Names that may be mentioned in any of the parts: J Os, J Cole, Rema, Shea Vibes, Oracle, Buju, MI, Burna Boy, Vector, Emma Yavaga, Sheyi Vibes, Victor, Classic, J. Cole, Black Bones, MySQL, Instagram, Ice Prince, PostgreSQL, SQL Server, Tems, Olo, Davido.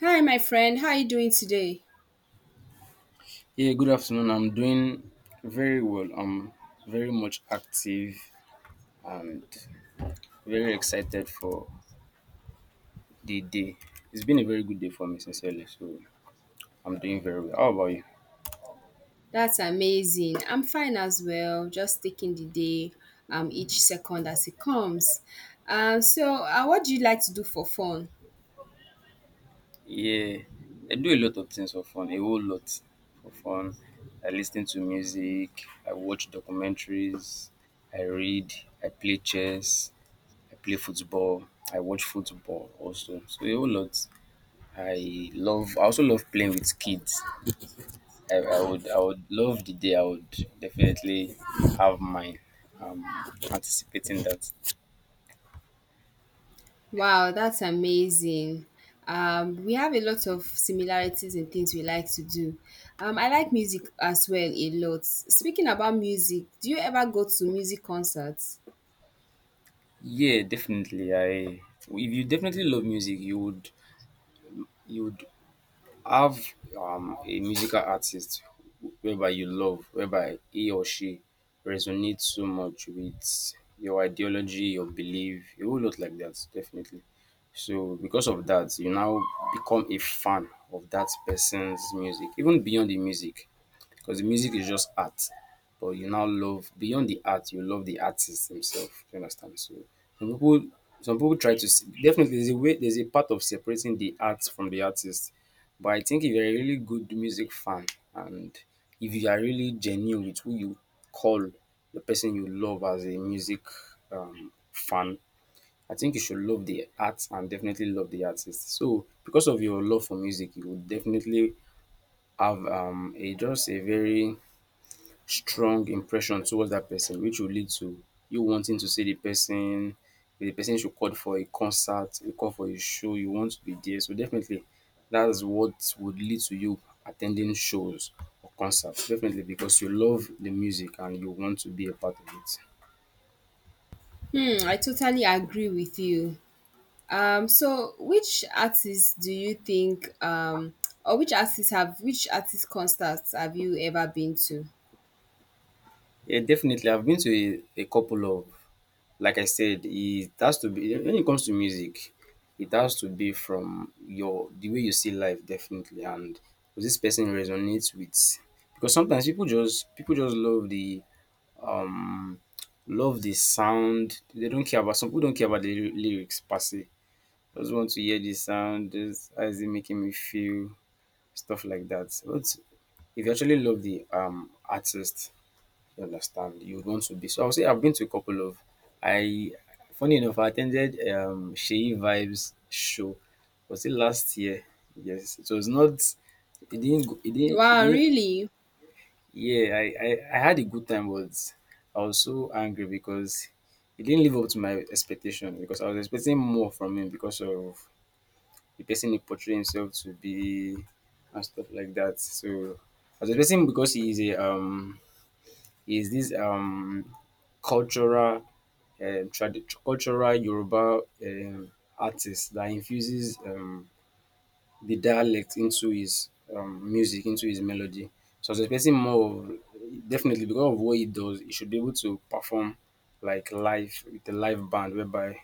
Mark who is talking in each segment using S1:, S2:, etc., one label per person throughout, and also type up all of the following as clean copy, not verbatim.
S1: Hi, my friend. How are you doing today?
S2: Yeah, good afternoon. I'm doing very well. I'm very much active and very excited for the day. It's been a very good day for me, sincerely. So I'm doing very well. How about you?
S1: That's amazing. I'm fine as well, just taking the day, each second as it comes. So, what do you like to do for fun?
S2: Yeah, I do a lot of things for fun, a whole lot for fun. I listen to music, I watch documentaries, I read, I play chess, I play football, I watch football also. So a whole lot. I also love playing with kids. I would love the day I would definitely have mine. Um, Anticipating that.
S1: Wow, that's amazing. We have a lot of similarities in things we like to do. I like music as well a lot. Speaking about music, do you ever go to music concerts?
S2: Yeah, definitely. I if you definitely love music, you would have a musical artist whereby you love, whereby he or she resonates so much with your ideology, your belief, a whole lot like that, definitely. So because of that, you now become a fan of that person's music, even beyond the music. Because the music is just art, but you now love beyond the art, you love the artist himself. You understand? So some people some people definitely there's a part of separating the art from the artist. But I think if you're a really good music fan and if you are really genuine with who you call the person you love as a music fan, I think you should love the art and definitely love the artist. So because of your love for music, you would definitely have a just a very strong impression towards that person, which will lead to you wanting to see the person. The person should call for a concert, you call for a show, you want to be there. So definitely that's what would lead to you attending shows or concerts. Definitely because you love the music and you want to be a part of it.
S1: I totally agree with you. So which artists do you think, or which artists have which artist concerts have you ever been to?
S2: Yeah, definitely. I've been to a couple of like I said, it has to be when it comes to music, it has to be from your the way you see life definitely, and does this person resonates with because sometimes people just um love the sound. They don't care about some people don't care about the lyrics per se. Just want to hear the sound, just how is it making me feel, stuff like that. But if you actually love the artist, you understand? You want to be. So I'll say I've been to a couple of I funny enough, I attended Sheyi Vibes show. Was it last year? Yes. It was not it didn't go it
S1: Wow,
S2: didn't
S1: really?
S2: yeah, I had a good time, but I was so angry because he didn't live up to my expectation because I was expecting more from him because of the person he portrayed himself to be and stuff like that. So I was expecting because he is a is this cultural tradi cultural Yoruba artist that infuses the dialect into his music, into his melody. So I was expecting more of definitely because of what he does, he should be able to perform like live with a live band whereby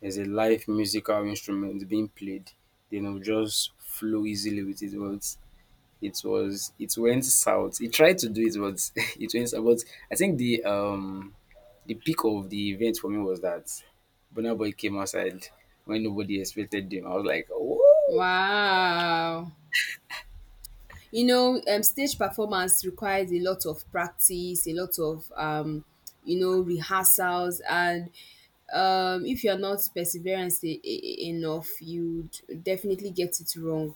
S2: there's a live musical instrument being played, then it will just flow easily with his words. It went south. He tried to do it, but it went south. But I think the peak of the event for me was that Burna Boy came outside when nobody expected him. I was like, whoa.
S1: Wow. You know, stage performance requires a lot of practice, a lot of rehearsals, and if you're not perseverance enough, you'd definitely get it wrong.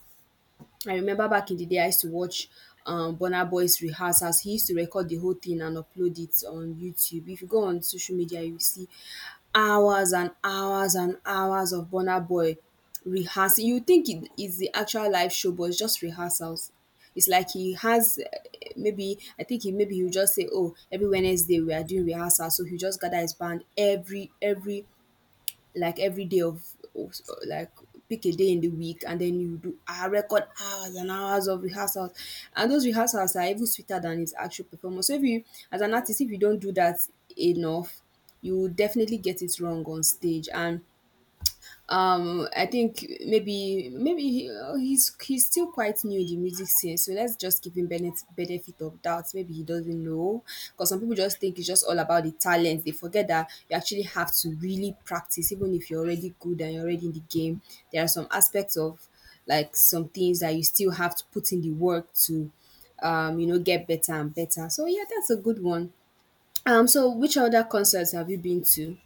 S1: I remember back in the day, I used to watch Burna Boy's rehearsals. He used to record the whole thing and upload it on YouTube. If you go on social media, you see hours and hours and hours of Burna Boy rehearsing. You think it is the actual live show, but it's just rehearsals. It's like he has, maybe I think he, maybe he'll just say, "Oh, every Wednesday we are doing rehearsal." So he just gather his band every like every day like pick a day in the week, and then you do, record hours and hours of rehearsals, and those rehearsals are even sweeter than his actual performance. So if you, as an artist, if you don't do that enough, you will definitely get it wrong on stage. And I think maybe he, he's still quite new in the music scene, so let's just give him benefit of doubt. Maybe he doesn't know, because some people just think it's just all about the talent. They forget that you actually have to really practice. Even if you're already good and you're already in the game, there are some aspects of, like, some things that you still have to put in the work to, get better and better. So yeah, that's a good one. So which other concerts have you been to?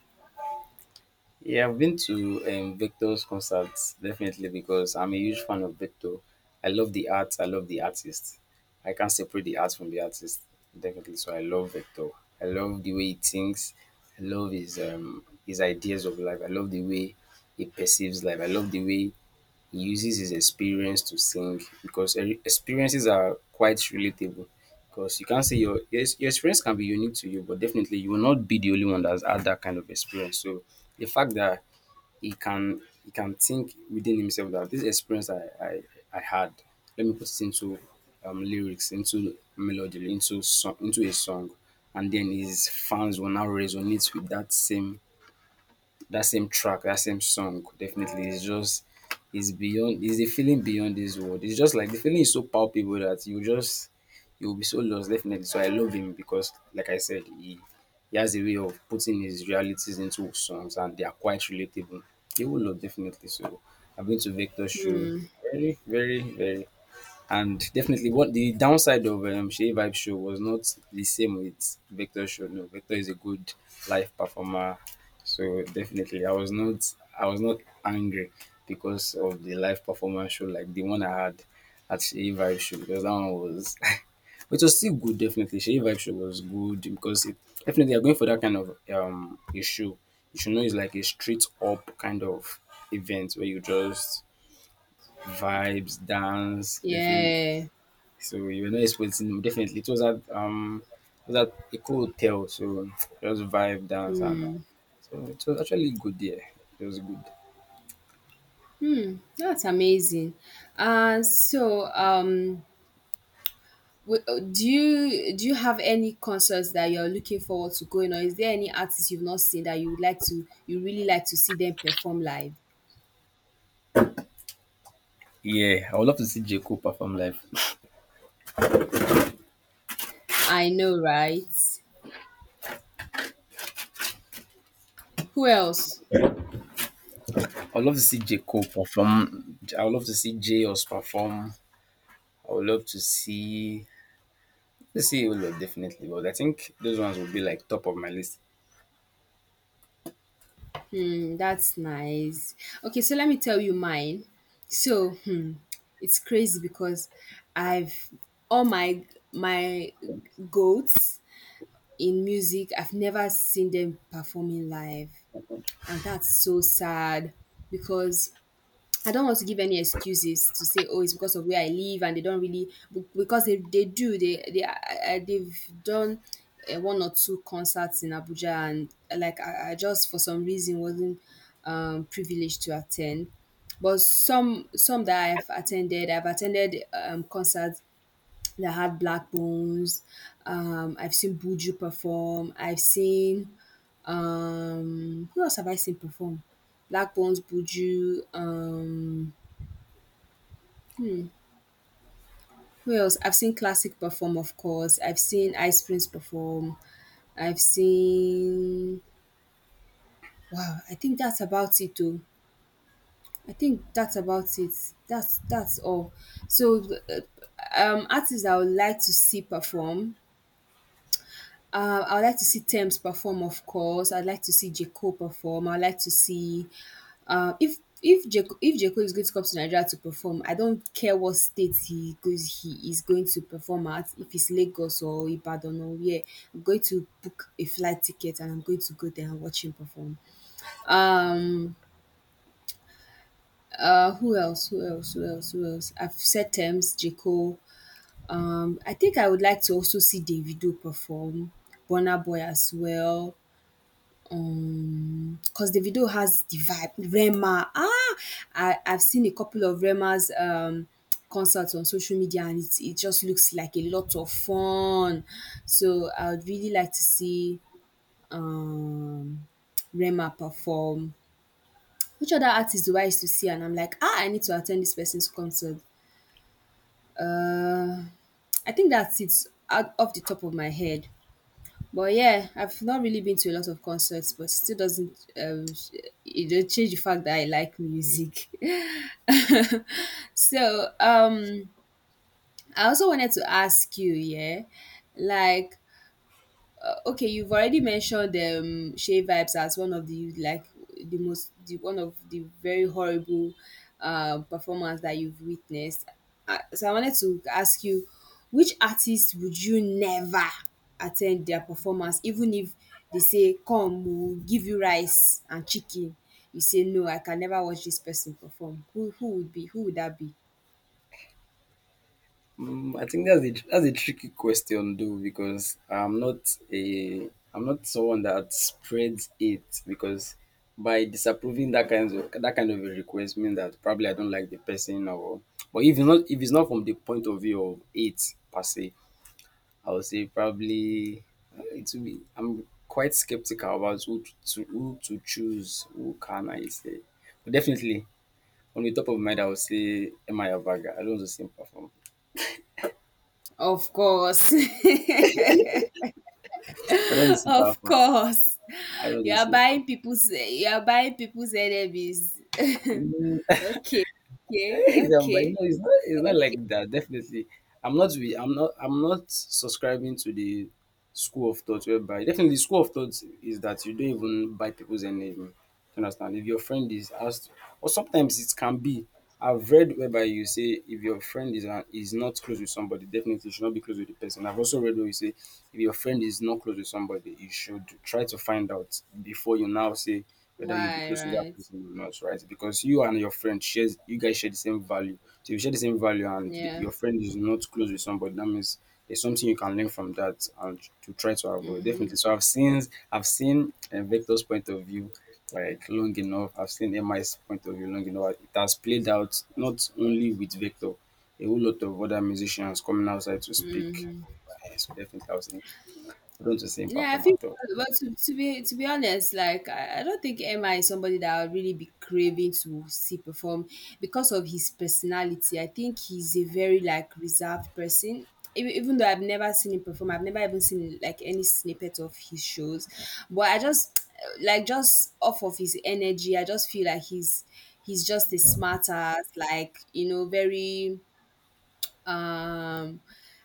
S2: Yeah, I've been to Victor's concerts definitely because I'm a huge fan of Victor. I love the art. I love the artist. I can't separate the art from the artist definitely. So I love Victor. I love the way he thinks. I love his ideas of life. I love the way he perceives life. I love the way he uses his experience to sing because experiences are quite relatable. Because you can't say your experience can be unique to you, but definitely you will not be the only one that's had that kind of experience. So the fact that he can think within himself that this experience I had, let me put it into lyrics, into melody, into a song, and then his fans will now resonate with that same that same track, that same song, definitely is just is beyond is a feeling beyond this world. It's just like the feeling is so palpable that you just you'll be so lost, definitely. So I love him because like I said, he has a way of putting his realities into songs and they are quite relatable. He will love definitely. So I've been to Victor's show. Very, very, very and definitely, what the downside of Shea Vibe Show was not the same with Vector Show. No, Vector is a good live performer, so definitely, I was not angry because of the live performance show like the one I had at Shea Vibe Show because that one was, which was still good. Definitely, Shea Vibe Show was good because it definitely they're going for that kind of a show. You should know it's like a straight up kind of event where you just vibes, dance, different.
S1: Yeah.
S2: So we were not expecting definitely it was at a cool hotel, so just vibe dance and so it was actually good there. It was good.
S1: That's amazing. So, do you have any concerts that you're looking forward to going, or is there any artist you've not seen that you really like to see them perform live?
S2: Yeah, I would love to see J Cole perform live.
S1: I know, right? Who else?
S2: I would love to see J Cole perform. I would love to see J Os perform. I would love to see let's see Olo definitely, but I think those ones will be like top of my list.
S1: That's nice. Okay, so let me tell you mine. So, it's crazy because I've all my goats in music. I've never seen them performing live. And that's so sad because I don't want to give any excuses to say, oh, it's because of where I live, and they don't really, because they do, they, I- they've done, one or two concerts in Abuja, and like I just for some reason wasn't privileged to attend. But some that I've attended, I've attended, concerts they had Black Bones. I've seen Buju perform. I've seen, who else have I seen perform? Black Bones, Buju. Who else? I've seen Classic perform, of course. I've seen Ice Prince perform. I've seen. Wow, I think that's about it, though. I think that's about it. That's all. So, artists I would like to see perform. I would like to see Tems perform, of course. I'd like to see J. Cole perform. I'd like to see, if if J. Cole is going to come to Nigeria to perform, I don't care what state he is going to perform at, if it's Lagos or Ibadan or where, I'm going to book a flight ticket and I'm going to go there and watch him perform. Um who else? Who else? Who else? Who else? I've said Tems, J. Cole. I think I would like to also see Davido perform, Burna Boy as well. Cause the video has the vibe. Rema, I've seen a couple of Rema's concerts on social media, and it just looks like a lot of fun. So I would really like to see um Rema perform. Which other artist do I used to see and I'm like, ah, I need to attend this person's concert. Uh, I think that's it, out off the top of my head, but yeah, I've not really been to a lot of concerts, but still doesn't it don't change the fact that I like music. So I also wanted to ask you. Yeah, like, okay, you've already mentioned Shea Vibes as one of the, like, the most, the one of the very horrible performance that you've witnessed. So I wanted to ask you, which artist would you never attend their performance, even if they say, "Come, we'll give you rice and chicken," you say, "No, I can never watch this person perform." Who would be? Who would that be?
S2: Mm, I think that's a tricky question though because I'm not someone that spreads it because by disapproving that kind of a request means that probably I don't like the person. Or but if it's not from the point of view of it per se, I would say probably it will be I'm quite skeptical about who to choose. Who can I say? But definitely on the top of my mind I would say Emma Yavaga. I don't want to see him perform.
S1: Of course,
S2: I don't want to see him
S1: of
S2: perform.
S1: course.
S2: I don't
S1: You
S2: know.
S1: are buying people's you are buying people's enemies. Okay, okay,
S2: It's, but no,
S1: okay.
S2: it's not. It's not like that. Definitely, I'm not. I'm not. I'm not subscribing to the school of thought whereby definitely school of thought is that you don't even buy people's enemy. Do you understand? If your friend is asked, or sometimes it can be. I've read whereby you say if your friend is not close with somebody, definitely you should not be close with the person. I've also read where you say if your friend is not close with somebody, you should try to find out before you now say whether you'll be
S1: Why?
S2: close to that
S1: Right.
S2: person or not, right? Because you and your friend shares, you guys share the same value. So if you share the same value and
S1: Yeah.
S2: your friend is not close with somebody, that means there's something you can learn from that and to try to avoid.
S1: Mhm.
S2: Definitely. So I've seen Vector's point of view like long enough. I've seen MI's point of view long enough. It has played out not only with Vector, a whole lot of other musicians coming outside to speak. Eh, so definitely, I don't want to say in
S1: Yeah, I
S2: perform
S1: think,
S2: at all.
S1: but, to be honest, like, I don't think Emma is somebody that I would really be craving to see perform because of his personality. I think he's a very, like, reserved person. Even though I've never seen him perform, I've never even seen, like, any snippet of his shows. But I just like just off of his energy, I just feel like he's just a smart ass, like, very, um,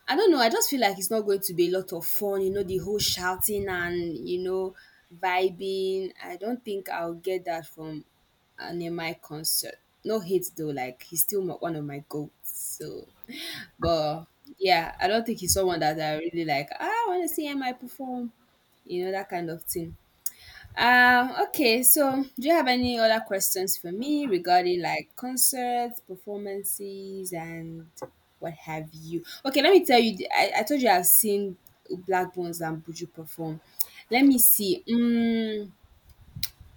S1: I don't know. I just feel like it's not going to be a lot of fun. You know, the whole shouting and, you know, vibing. I don't think I'll get that from an MI concert. No hate though. Like, he's still one of my goats. So, but yeah, I don't think he's someone that I really like. "Ah, I want to see MI perform." You know that kind of thing. Okay, so do you have any other questions for me regarding like concerts, performances, and what have you? Okay, let me tell you, I told you I've seen Black Bones and Buju perform. Let me see.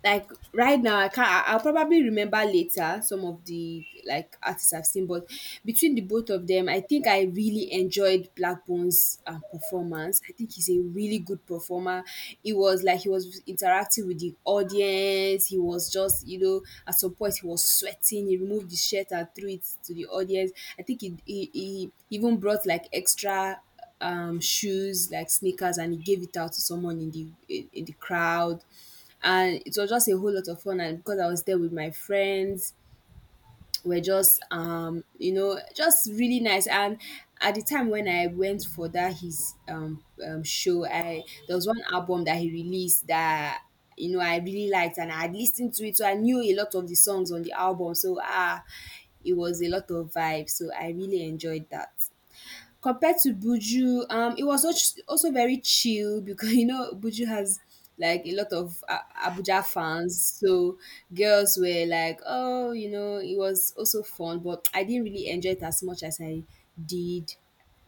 S1: Like, right now I can't, I'll probably remember later some of the, like, artists I've seen. But between the both of them, I think I really enjoyed Blackbone's performance. I think he's a really good performer. It was like he was interacting with the audience. He was just, at some point he was sweating, he removed the shirt and threw it to the audience. I think he even brought, like, extra shoes, like sneakers, and he gave it out to someone in the, in the crowd. And it was just a whole lot of fun, and because I was there with my friends, we're just, just really nice. And at the time when I went for that, his show, I there was one album that he released that, you know, I really liked, and I had listened to it, so I knew a lot of the songs on the album. So, it was a lot of vibes, so I really enjoyed that. Compared to Buju, it was also very chill because, you know, Buju has, like, a lot of Abuja fans, so girls were like, oh, it was also fun, but I didn't really enjoy it as much as I did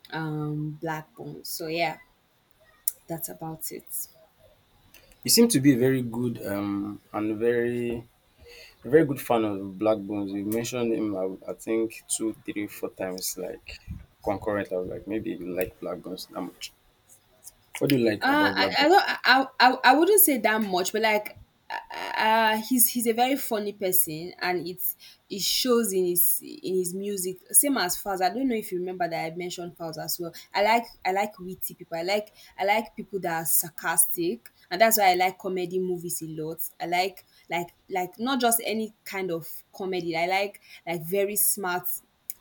S1: Black Bone. So yeah, that's about it.
S2: You seem to be a very good and very a very good fan of Black Bones. You mentioned him, I think, two, three, four times, like concurrent. I was like, maybe you like Black Bones that much. What do you like about Black
S1: I
S2: Bones?
S1: don't I wouldn't say that much, but like, uh he's a very funny person, and it shows in his, music, same as Faz. I don't know if you remember that I mentioned Faz as well. I like witty people. I like people that are sarcastic, and that's why I like comedy movies a lot. I like, not just any kind of comedy. I like, very smart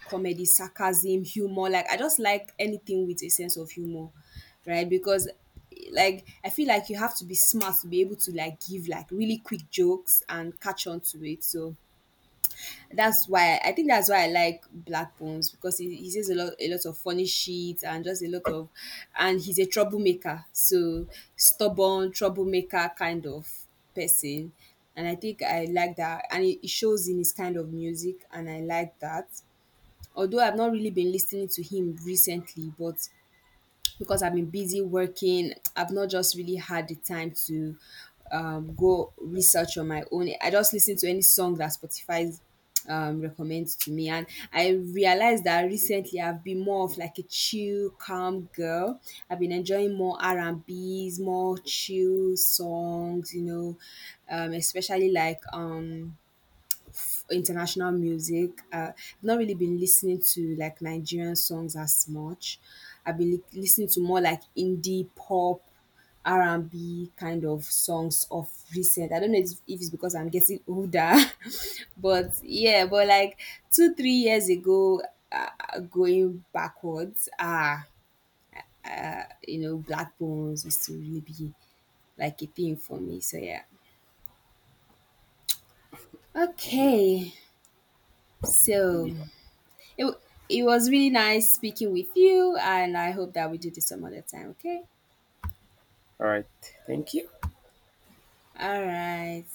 S1: comedy, sarcasm, humor. Like, I just like anything with a sense of humor, right? Because like I feel like you have to be smart to be able to like give like really quick jokes and catch on to it. So that's why I think that's why I like Black Bones, because he says a lot of funny shit, and just a lot of, and he's a troublemaker. So stubborn, troublemaker kind of person. And I think I like that, and it shows in his kind of music, and I like that, although I've not really been listening to him recently. But because I've been busy working, I've not just really had the time to go research on my own. I just listen to any song that Spotify recommends to me, and I realized that recently I've been more of like a chill calm girl. I've been enjoying more R&B's, more chill songs, especially like, international music. I've not really been listening to like Nigerian songs as much. I've been listening to more like indie pop, R&B kind of songs of recent. I don't know if it's because I'm getting older, but yeah, but like two three years ago, going backwards, Black Bones used to really be like a thing for me. So yeah. Okay, so
S2: Yeah.
S1: It, w- it was really nice speaking with you, and I hope that we do this some other time, okay?
S2: All right. Thank you.
S1: All right.